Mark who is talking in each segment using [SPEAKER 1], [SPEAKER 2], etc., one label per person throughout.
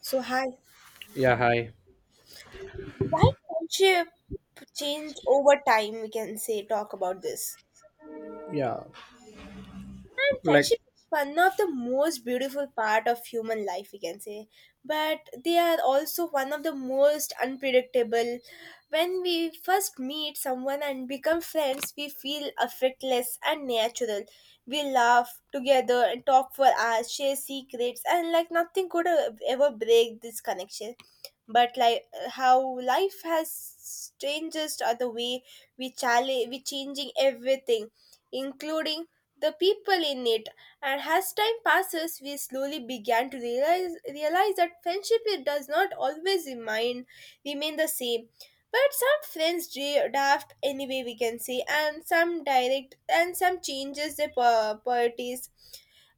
[SPEAKER 1] So hi.
[SPEAKER 2] Yeah, hi.
[SPEAKER 1] Why friendship change over time? We can say talk about this.
[SPEAKER 2] Yeah,
[SPEAKER 1] And
[SPEAKER 2] like
[SPEAKER 1] friendship is one of the most beautiful part of human life, we can say. But they are also one of the most unpredictable. When we first meet someone and become friends, we feel effortless and natural. We laugh together and talk for hours, share secrets, and like nothing could ever break this connection. But like how life has changes are the way we challenge, we changing everything, including the people in it. And as time passes, we slowly began to realize that friendship it does not always remain the same. But some friends draft anyway, we can say, and some direct, and some changes their priorities,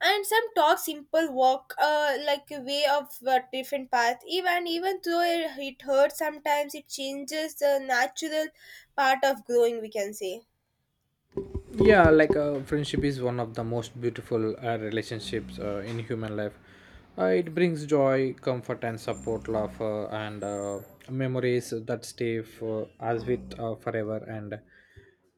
[SPEAKER 1] and some talk simple walk, like a way of a different path. Even though it hurts sometimes, it changes the natural part of growing. We can say
[SPEAKER 2] yeah, like friendship is one of the most beautiful relationships in human life. It brings joy, comfort, and support, love, and memories that stay for us with forever. And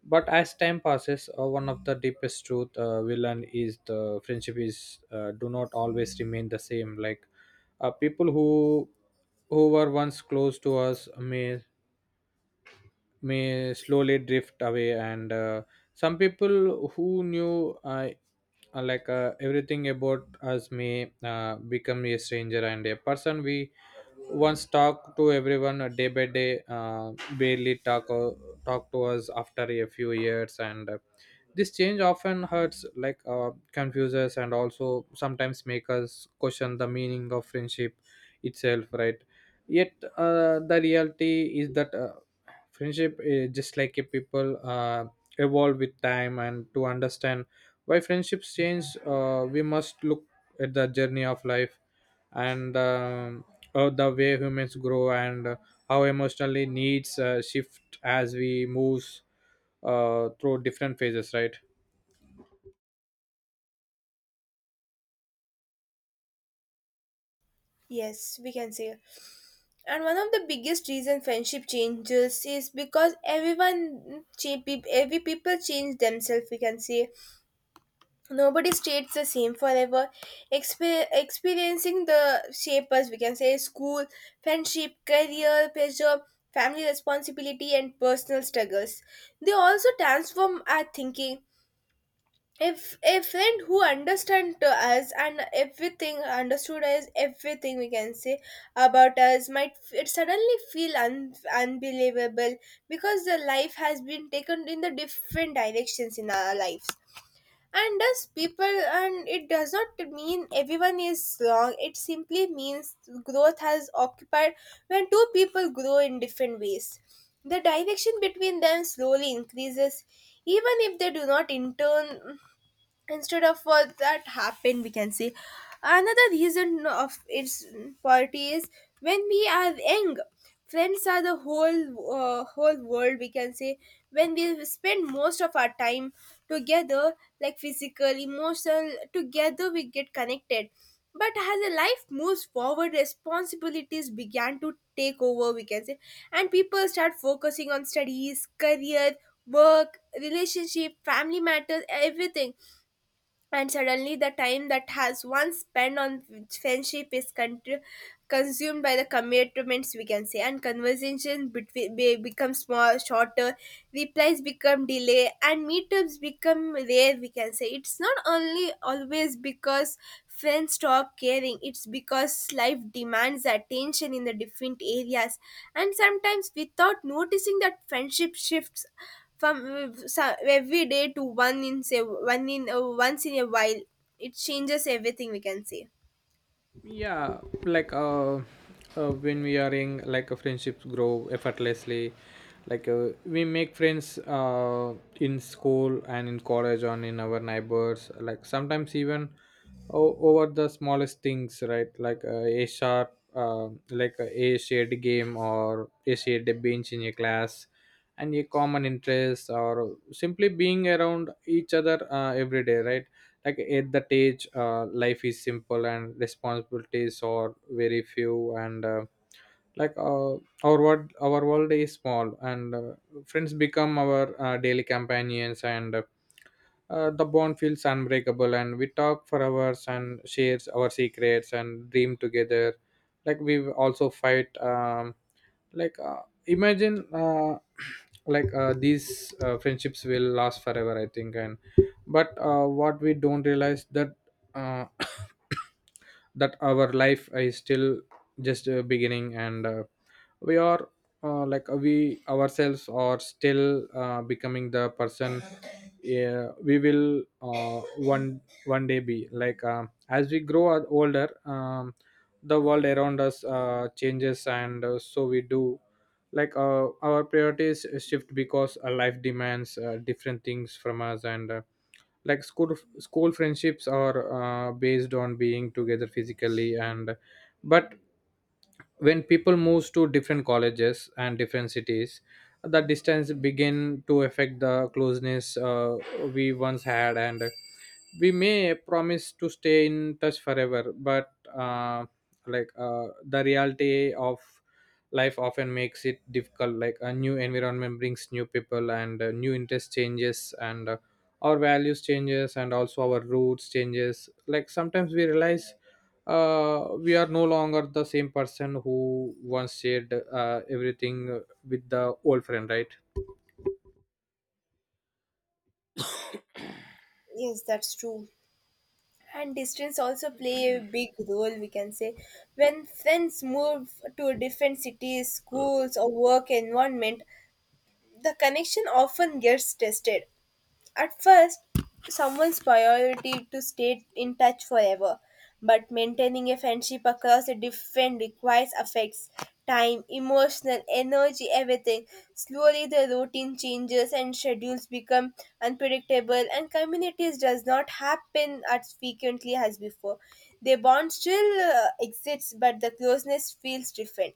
[SPEAKER 2] but as time passes, one of the deepest truth we learn is the friendship is do not always remain the same. Like people who were once close to us may slowly drift away, and some people who knew everything about us may become a stranger, and a person we once talked to everyone day by day barely talk to us after a few years. And this change often hurts, like, confuses, and also sometimes make us question the meaning of friendship itself, right? Yet the reality is that friendship is just like a people evolve with time. And to understand why friendships change, we must look at the journey of life, and the way humans grow, and how emotionally needs shift as we move through different phases, right?
[SPEAKER 1] yes, we can say. And one of the biggest reason friendship changes is because everyone, every people change themselves. We can say nobody stays the same forever. Experiencing the shapers, we can say school, friendship, career, pressure, family responsibility, and personal struggles. They also transform our thinking if a friend who understand to us and everything understood us everything we can say about us might it suddenly feel unbelievable because the life has been taken in the different directions in our lives and does people and it does not mean everyone is wrong it simply means growth has occupied when two people grow in different ways the direction between them slowly increases even if they do not in turn instead of what that happened we can say another reason of its party is when we are young friends are the whole whole world we can say when we spend most of our time together like physical emotional together we get connected but as a life moves forward responsibilities began to take over we can say and people start focusing on studies career work relationship family matters everything and suddenly the time that has once spent on friendship is consumed by the commitments we can say and conversation between becomes more shorter replies become delay and meetups become rare we can say it's not only always because friends stop caring it's because life demands attention in the different areas and sometimes without noticing that friendship shifts from every day to one in say one in once in a while it changes everything we can say.
[SPEAKER 2] Yeah, like when we are in, like, a friendships grow effortlessly. Like we make friends in school and in college and in our neighbors, like sometimes even over the smallest things, right? Like a sharp like a shared game or a shared bench in a class, and a common interest, or simply being around each other every day, right? Like at that age, life is simple and responsibilities are very few, and like uh, our world is small, and friends become our daily companions, and the bond feels unbreakable, and we talk for hours and shares our secrets and dream together. Like we also fight, like imagine these friendships will last forever, I think. And but uh, what we don't realize that uh, that our life is still just beginning, and we are, like we ourselves are still becoming the person we will one day be. Like as we grow older, the world around us changes, and so we do. Like our priorities shift because life demands different things from us, and school friendships are based on being together physically. And but when people moves to different colleges and different cities, the distance begin to affect the closeness we once had, and we may promise to stay in touch forever, but the reality of life often makes it difficult. Like a new environment brings new people, and new interest changes, and our values changes, and also our roots changes. Like sometimes we realize we are no longer the same person who once shared everything with the old friend, right?
[SPEAKER 1] Yes, that's true. And distance also play a big role we can say when friends move to different cities schools or work environment the connection often gets tested. At first, someone's priority to stay in touch forever, but maintaining a friendship across a different requires affects time, emotional energy, everything. Slowly, the routine changes and schedules become unpredictable, and communities does not happen as frequently as before. The bond still exists, but the closeness feels different.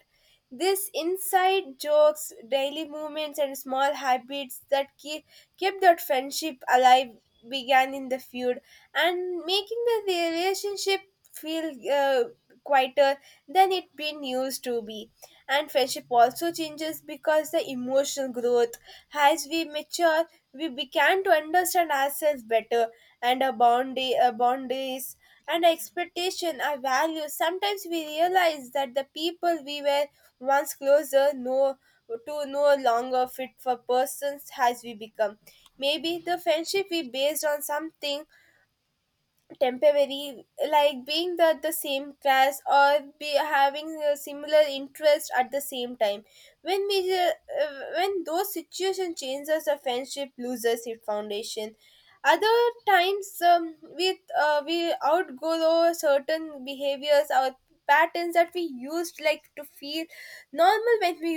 [SPEAKER 1] This inside jokes, daily movements, and small habits that keep, kept that friendship alive began in the feud and making the relationship feel quieter than it been used to be and friendship also changes because the emotional growth as we mature we began to understand ourselves better and our boundary, our boundaries and expectation our values sometimes we realize that the people we were once closer, no to no longer fit for persons as we become. Maybe the friendship we based on something temporary, like being the same class or be having a similar interest at the same time. When we when those situations changes, the friendship loses its foundation other times we outgrow certain behaviors or patterns that we used like to feel normal when we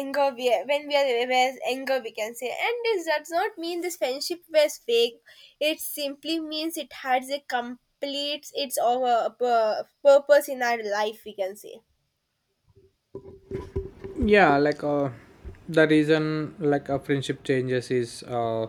[SPEAKER 1] anger we when we are aware of anger we can say and this does not mean this friendship was fake it simply means it has a complete its over purpose in our life we can say
[SPEAKER 2] Yeah. The reason, like, a friendship changes is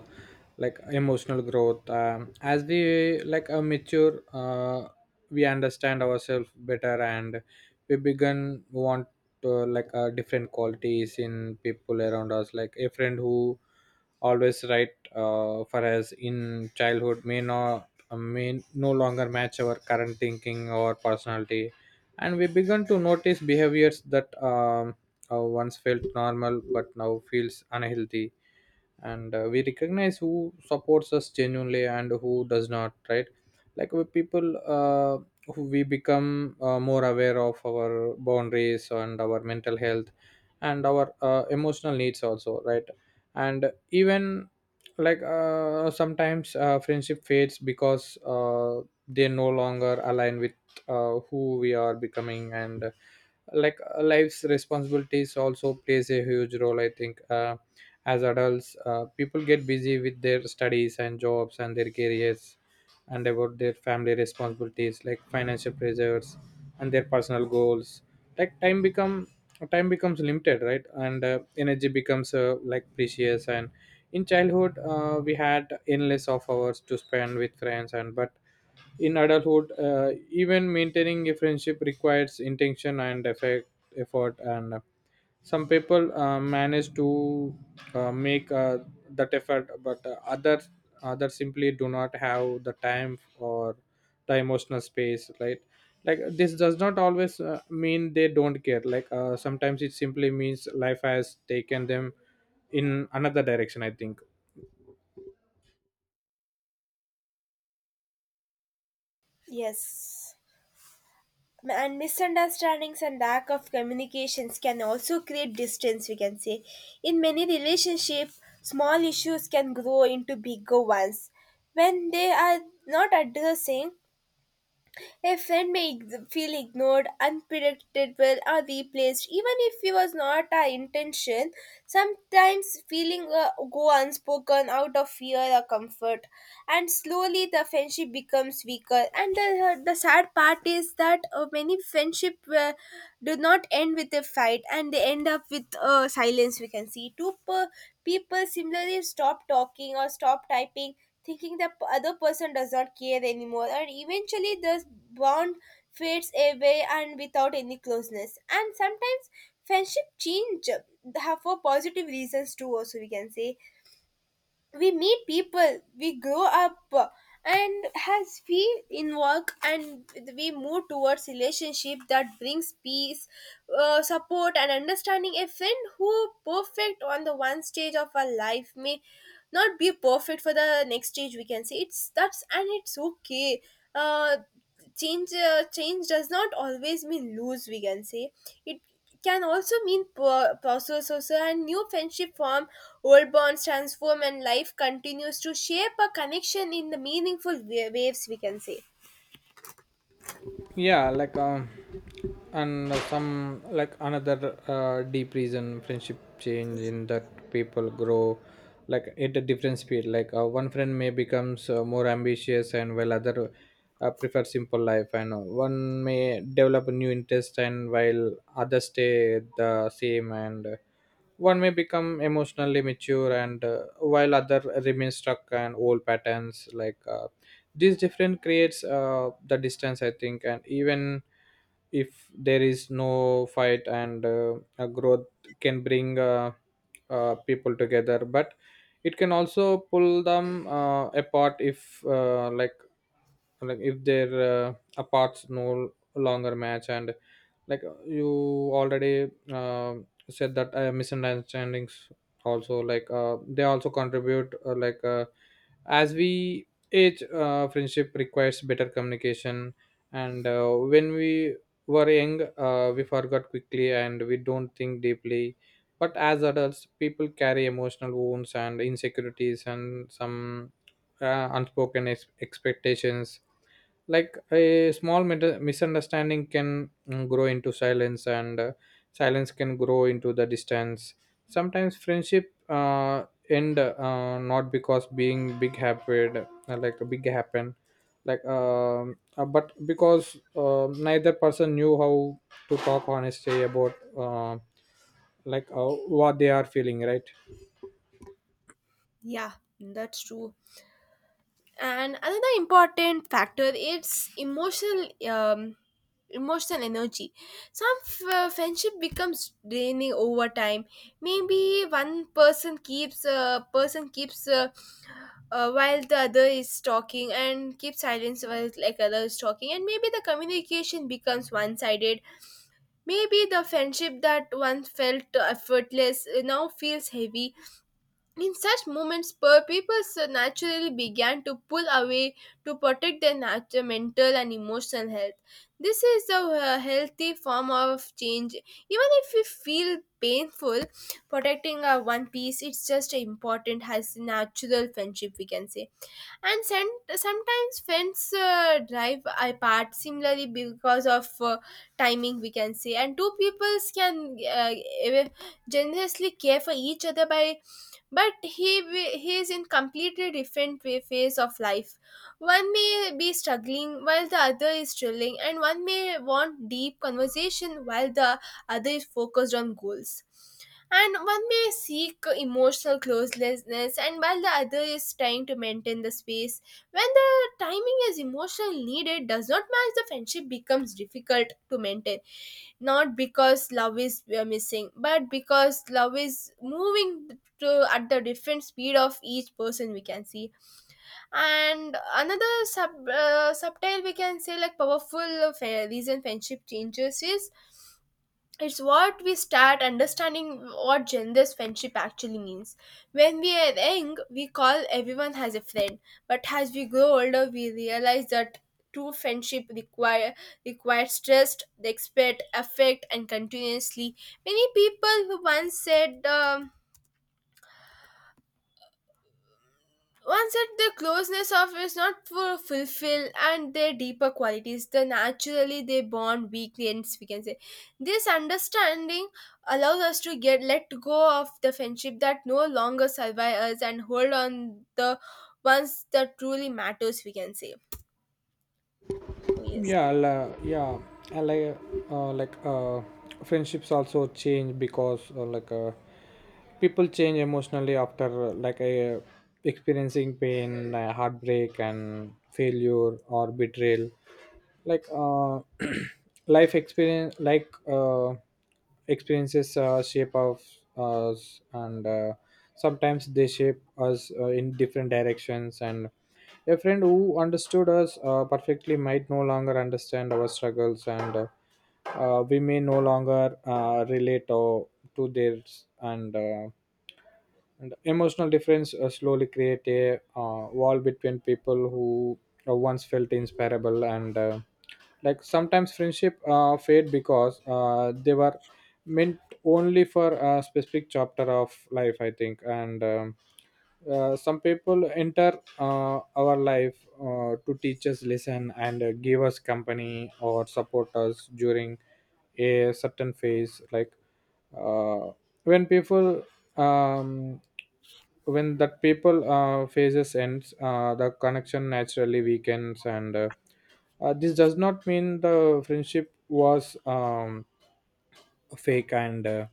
[SPEAKER 2] like emotional growth. As we, like, mature, we understand ourselves better, and we begin want to, like, different qualities in people around us. Like a friend who always right for us in childhood may not, may no longer match our current thinking or personality, and we begin to notice behaviors that once felt normal but now feels unhealthy, and we recognize who supports us genuinely and who does not, right? Like with people who we become more aware of our boundaries and our mental health and our emotional needs also, right? And even, like, sometimes friendship fades because they no longer align with who we are becoming. And, like, life's responsibilities also plays a huge role, I think. As adults, people get busy with their studies and jobs and their careers, and about their family responsibilities, like financial pressures and their personal goals. Like time becomes limited, right? And energy becomes, like, precious. And in childhood, we had endless of hours to spend with friends. And but in adulthood, even maintaining a friendship requires intention and effort, and some people manage to make that effort, but others simply do not have the time or the emotional space. Right? Like this does not always mean they don't care. Like sometimes it simply means life has taken them in another direction, I think.
[SPEAKER 1] yes and misunderstandings and lack of communications can also create distance we can say in many relationships small issues can grow into bigger ones when they are not addressing a friend may feel ignored, unpredictable, or replaced, even if it was not our intention. Sometimes feeling go unspoken out of fear or comfort, and slowly the friendship becomes weaker. And the sad part is that many friendship do not end with a fight, and they end up with silence. We can see two people similarly stop talking or stop typing thinking the other person does not care anymore and eventually the bond fades away and without any closeness and sometimes friendship change have for positive reasons too also we can say we meet people we grow up and as we in work and we move towards relationship that brings peace support and understanding a friend who perfect on the one stage of our life may not be perfect for the next stage we can say it's that's and it's okay uh change change does not always mean lose we can say it can also mean process also and new friendship form old bonds transform and life continues to shape a connection in the meaningful waves we can say.
[SPEAKER 2] Yeah. And some, like, another deep reason friendship change in that people grow, like, at a different speed. Like one friend may becomes more ambitious, and while other prefer simple life, and one may develop a new interest, and while others stay the same, and one may become emotionally mature, and while other remain stuck and old patterns. Like this difference creates the distance, I think. And even if there is no fight, and a growth can bring people together, but it can also pull them apart, if, if their apart no longer match. And, like, you already said that misunderstandings also, like, they also contribute, as we age, friendship requires better communication. And when we were young, we forgot quickly and we don't think deeply, but as adults, people carry emotional wounds and insecurities, and some unspoken expectations. Like a small misunderstanding can grow into silence, and silence can grow into the distance. Sometimes friendship end, not because being big happened, like a big happen like but because neither person knew how to talk honestly about, what they are feeling, right?
[SPEAKER 1] Yeah, that's true. And another important factor is emotional emotional energy some friendship becomes draining over time maybe one person keeps while the other is talking and keeps silence while like other is talking and maybe the communication becomes one-sided maybe the friendship that once felt effortless now feels heavy in such moments, per people so naturally began to pull away to protect their mental and emotional health. This is a healthy form of change. Even if we feel painful, protecting our one piece, it's just important as natural friendship, we can say. And sometimes friends drive apart similarly because of timing, we can say. And two peoples can generously care for each other by but he is in completely different way, phase of life one may be struggling while the other is chilling and one may want deep conversation while the other is focused on goals and one may seek emotional closeness and while the other is trying to maintain the space when the timing is emotional needed does not match the friendship becomes difficult to maintain not because love is we are missing but because love is moving to at the different speed of each person we can see and another sub subtle we can say like powerful of, reason friendship changes is it's what we start understanding what gender's friendship actually means. When we are young, we call everyone has a friend, but as we grow older, we realize that true friendship requires trust, respect, affect, and continuously. Many people who once said. Once said the closeness of is not for fulfill and their deeper qualities, the naturally they bond weekends, we can say. This understanding allows us to get let go of the friendship that no longer survive us and hold on the ones that truly matters, we can say. Oh, yes.
[SPEAKER 2] Yeah I'll, yeah I like Friendships also change because, people change emotionally after, like, a experiencing pain, heartbreak, and failure or betrayal. Like life experience like experiences shape of us, and sometimes they shape us in different directions. And a friend who understood us perfectly might no longer understand our struggles, and we may no longer relate or to theirs. And emotional difference slowly create a wall between people who once felt inseparable. And like sometimes friendship fade because they were meant only for a specific chapter of life, I think. And some people enter our life to teach us lesson, and give us company or support us during a certain phase. Like uh, when people um, when that people phases ends, the connection naturally weakens, and this does not mean the friendship was fake, and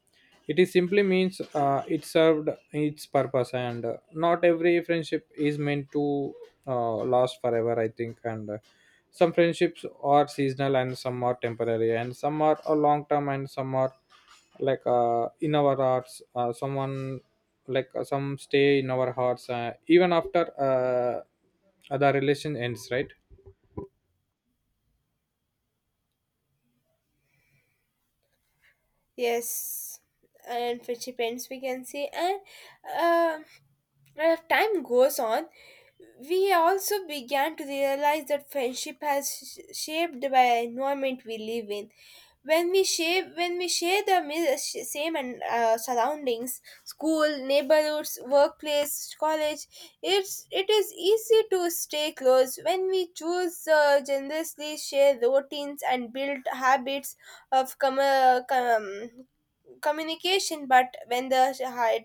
[SPEAKER 2] it is simply means it served its purpose, and not every friendship is meant to last forever, I think. And some friendships are seasonal, and some are temporary, and some are a long term, and some are like in our hearts someone like some stay in our hearts even after the relation ends, right?
[SPEAKER 1] Yes, and friendship ends, we can say, and um as time goes on, we also began to realize that friendship has shaped by environment we live in. When we shape, when we share the same and surroundings, school, neighborhoods, workplace, college, it is easy to stay close. When we choose generously, share routines and build habits of communication but when the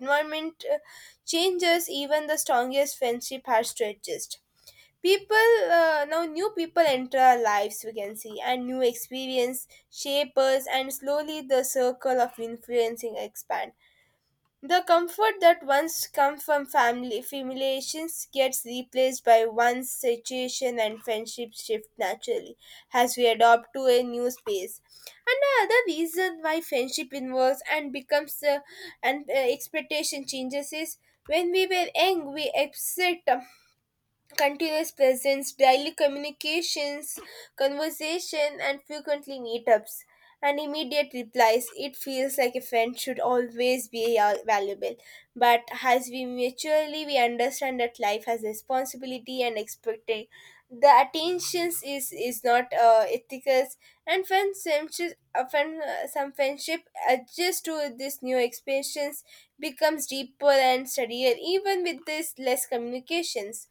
[SPEAKER 1] environment changes even the strongest friendship has to adjust people now new people enter our lives we can see and new experience shape us and slowly the circle of influencing expand the comfort that once come from family familiations gets replaced by one's situation and friendships shift naturally as we adopt to a new space. And another reason why friendship involves and becomes and expectation changes is when we were young we accept continuous presence, daily communications, conversation, and frequently meetups. And immediate replies. It feels like a friend should always be valuable. But as we maturely we understand that life has responsibility and expectation. The attentions is not ethical, and friends often some friendship adjust to this new expansions becomes deeper and steadier even with this less communications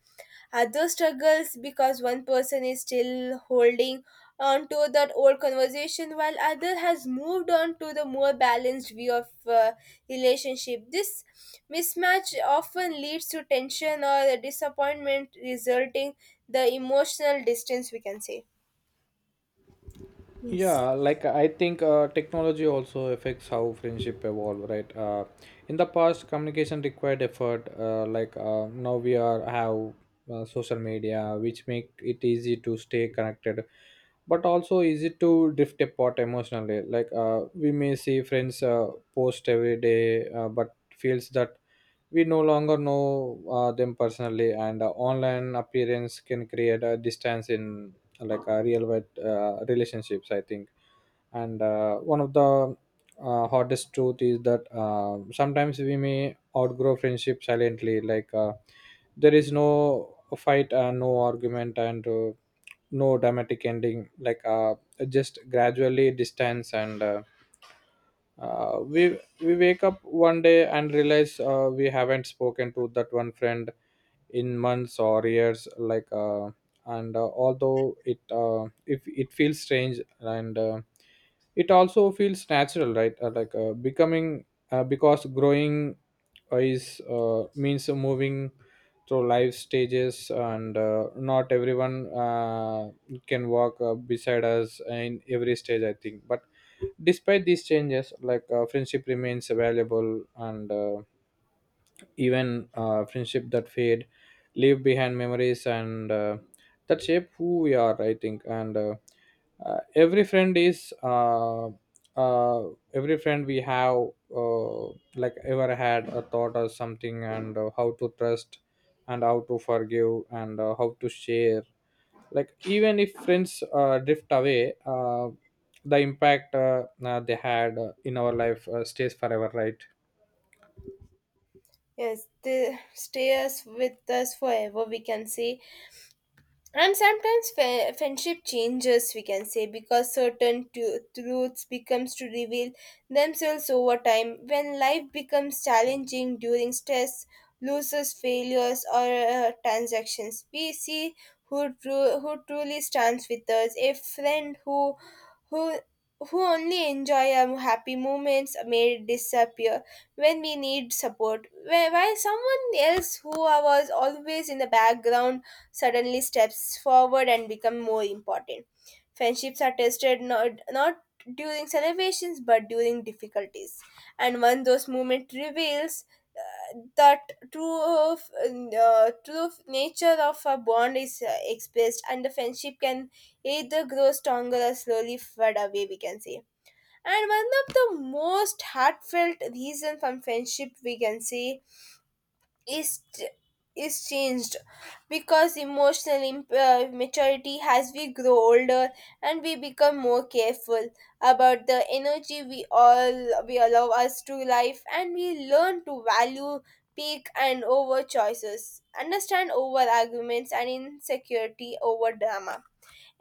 [SPEAKER 1] other struggles because one person is still holding on to that old conversation while other has moved on to the more balanced view of relationship? This mismatch often leads to tension or a disappointment, resulting the emotional distance. We can say yes.
[SPEAKER 2] Yeah like i think uh, Technology also affects how friendship evolve, right? In the past, communication required effort. Now we are have social media, which make it easy to stay connected, but also easy to drift apart emotionally. Like we may see friends post every day, but feels that we no longer know them personally, and online appearance can create a distance in, like, real world relationships, I think. And one of the hardest truth is that sometimes we may outgrow friendship silently. Like there is no fight and no argument, and no dramatic ending, like just gradually distance. And we wake up one day and realize we haven't spoken to that one friend in months or years, like. Uh, and although it, if it feels strange, and it also feels natural, right? Like becoming Because growing is, means moving through life stages, and not everyone can walk beside us in every stage, I think. But despite these changes, like, friendship remains valuable, and even friendship that fade leave behind memories, and that shape who we are, I think. And uh, every friend is uh, uh, every friend we have uh, like ever had a thought or something, and how to trust, and how to forgive, and how to share. Like, even if friends drift away, the impact they had in our life stays forever, right?
[SPEAKER 1] Yes, they stay us with us forever. We can say. And sometimes friendship changes, we can say, because certain truths becomes to reveal themselves over time. When life becomes challenging during stress, losses, failures, or transactions, we see who truly stands with us. A friend who who who only enjoy our happy moments may disappear when we need support. While someone else who was always in the background suddenly steps forward and become more important. Friendships are tested not during celebrations but during difficulties. And when those moments reveals that true of nature of a bond is expressed, and the friendship can either grow stronger or slowly fade away, we can say. And one of the most heartfelt reason from friendship, we can say, is changed because emotional maturity as we grow older and we become more careful about the energy we all we allow us to life, and we learn to value pick and over choices, understand over arguments, and insecurity over drama.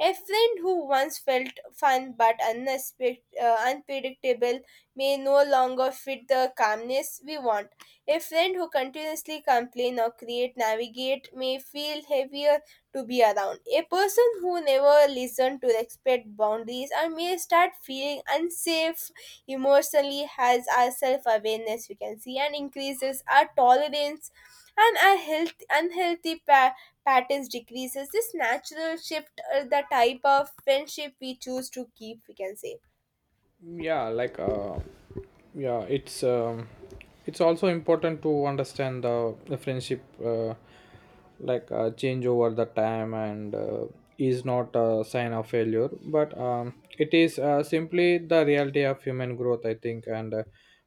[SPEAKER 1] A friend who once felt fun but unpredictable may no longer fit the calmness we want. A friend who continuously complains or create navigate may feel heavier to be around. A person who never listens to respect boundaries and may start feeling unsafe emotionally has our self-awareness, we can see, and increases our tolerance and our health patterns decreases this natural shift, the type of friendship we choose to keep, we can say.
[SPEAKER 2] Yeah, yeah, it's also important to understand the friendship change over the time, and is not a sign of failure, but it is simply the reality of human growth, I think. And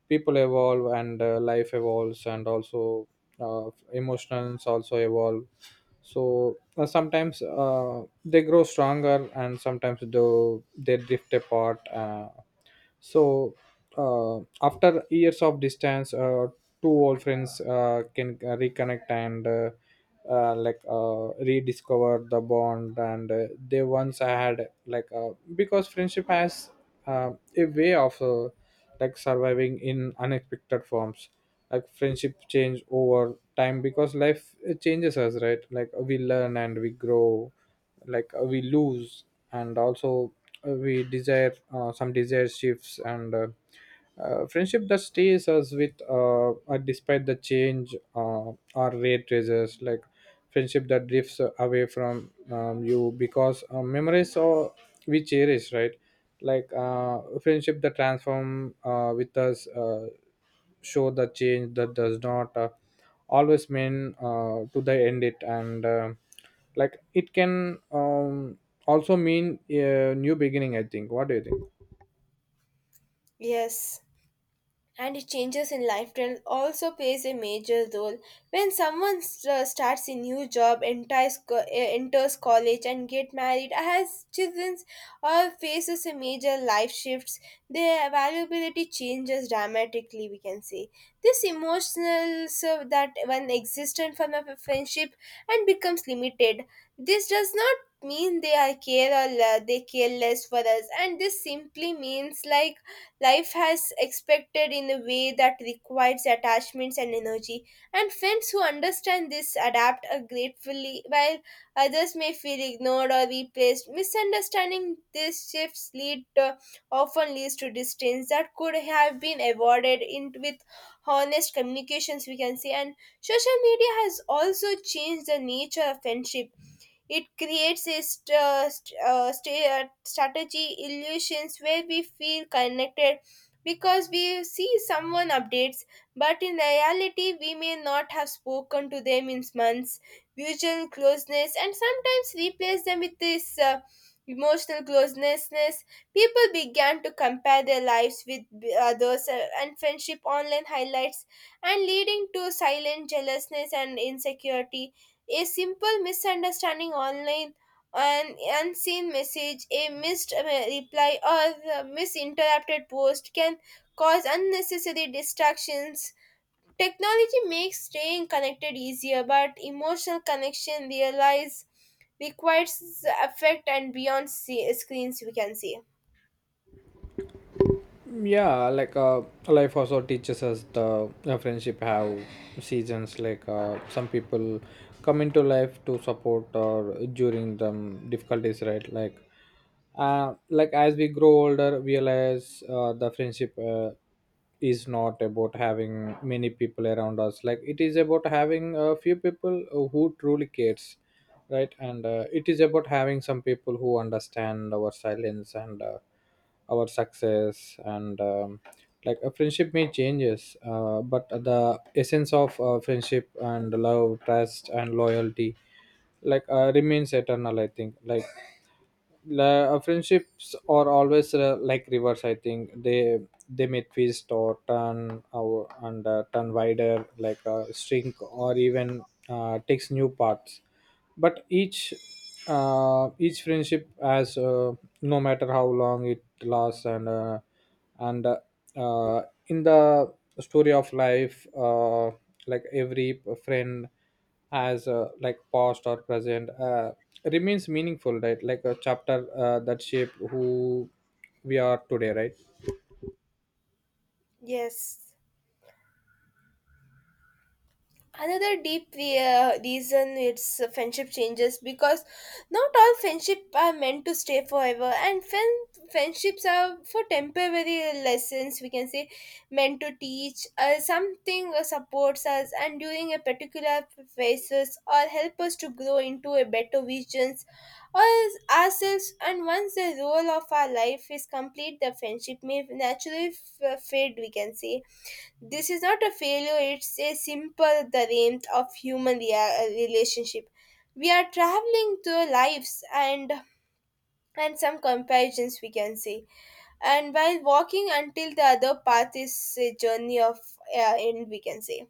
[SPEAKER 2] people evolve, and life evolves, and also emotions also evolve. So sometimes they grow stronger, and sometimes though they drift apart. So uh, After years of distance, two old friends can reconnect and rediscover the bond and they once had. Because friendship has uh, a way of like surviving in unexpected forms. Like, friendship change over time because life changes us, right? Like, we learn and we grow, we lose, and also we desire. Some desire shifts, and friendship that stays us with despite the change, or rate raises. Like, friendship that drifts away from you because memories are we cherish, right? Friendship that transform with us show the change that does not always mean to the end it, and like it can also mean a new beginning, I think. What do you think?
[SPEAKER 1] Yes, and it changes in lifestyle also plays a major role when someone starts a new job, enters, enters college, and get married, has children, or faces a major life shifts, their availability changes dramatically, we can say. This emotional so that one existent from a friendship and becomes limited. This does not mean they are care or they care less for us, and this simply means like life has expected in a way that requires attachments and energy, and friends who understand this adapt gratefully, while others may feel ignored or replaced. Misunderstanding these shifts lead often leads to distance that could have been avoided in with honest communications, we can say. And social media has also changed the nature of friendship. It creates a strategy illusions where we feel connected because we see someone updates, but in reality, we may not have spoken to them in months. Visual closeness and sometimes replace them with this emotional closeness. People began to compare their lives with others, and friendship online highlights and leading to silent jealousness and insecurity. A simple misunderstanding online, an unseen message, a missed reply, or a misinterpreted post can cause unnecessary distractions. Technology makes staying connected easier, but emotional connection realize requires affect and beyond screens, we can say.
[SPEAKER 2] Yeah, life also teaches us the friendship have seasons. Some people come into life to support or during the difficulties, right? Like as we grow older we realize the friendship is not about having many people around us. Like, it is about having a few people who truly cares, right? And it is about having some people who understand our silence, and our success, and like a friendship may changes, but the essence of friendship and love, trust and loyalty, remains eternal, I think. Friendships are always like rivers. I think they may twist or turn, or and turn wider, shrink, or even takes new paths. But each each friendship has, no matter how long it lasts, and uh, in the story of life, like every friend, as like past or present, remains meaningful, right? Like a chapter that shape who we are today, right?
[SPEAKER 1] Yes. Another deep reason it's, friendship changes because not all friendship are meant to stay forever, and friendships are for temporary lessons, we can say, meant to teach something, supports us and during a particular phases, or help us to grow into a better visions or as ourselves. And once the role of our life is complete, the friendship may naturally fade, we can say. This is not a failure, it's a simple the realm of human relationship. We are traveling through lives, and some comparisons, we can say, and while walking until the other path is a journey of end, we can say.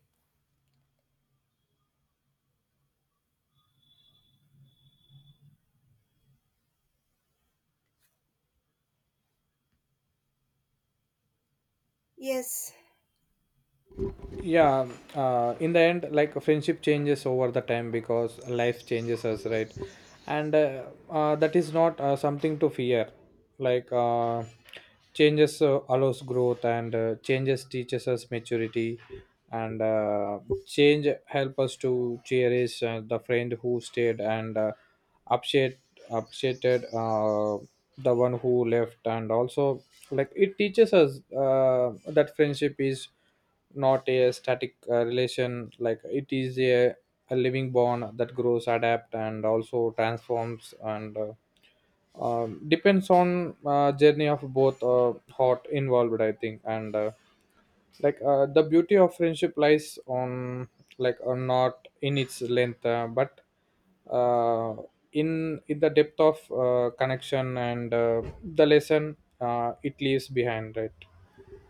[SPEAKER 1] Yes.
[SPEAKER 2] Yeah. In the end, like, friendship changes over the time because life changes us, right? and That is not something to fear. like uh, Changes allows growth, and changes teaches us maturity, and change help us to cherish the friend who stayed, and appreciate appreciated the one who left. And also, like, it teaches us that friendship is not a static relation. Like, it is a living bond that grows, adapt, and also transforms, and depends on journey of both hot involved, I think. And the beauty of friendship lies on, not in its length, but uh, in the depth of connection, and the lesson it leaves behind, right?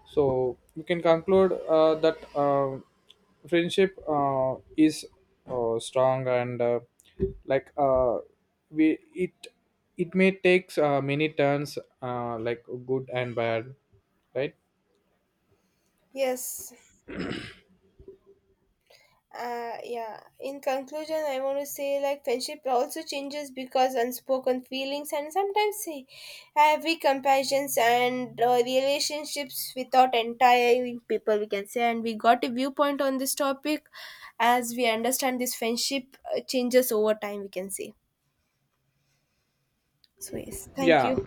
[SPEAKER 2] So we can conclude that friendship is strong, and like uh, we it may takes many turns, like good and bad, right?
[SPEAKER 1] Yes, yeah, in conclusion I want to say like friendship also changes because unspoken feelings and sometimes say heavy comparisons and, relationships without entire people, we can say, and we got a viewpoint on this topic as we understand this friendship changes over time, we can say. So yes, thank
[SPEAKER 2] Yeah.
[SPEAKER 1] you.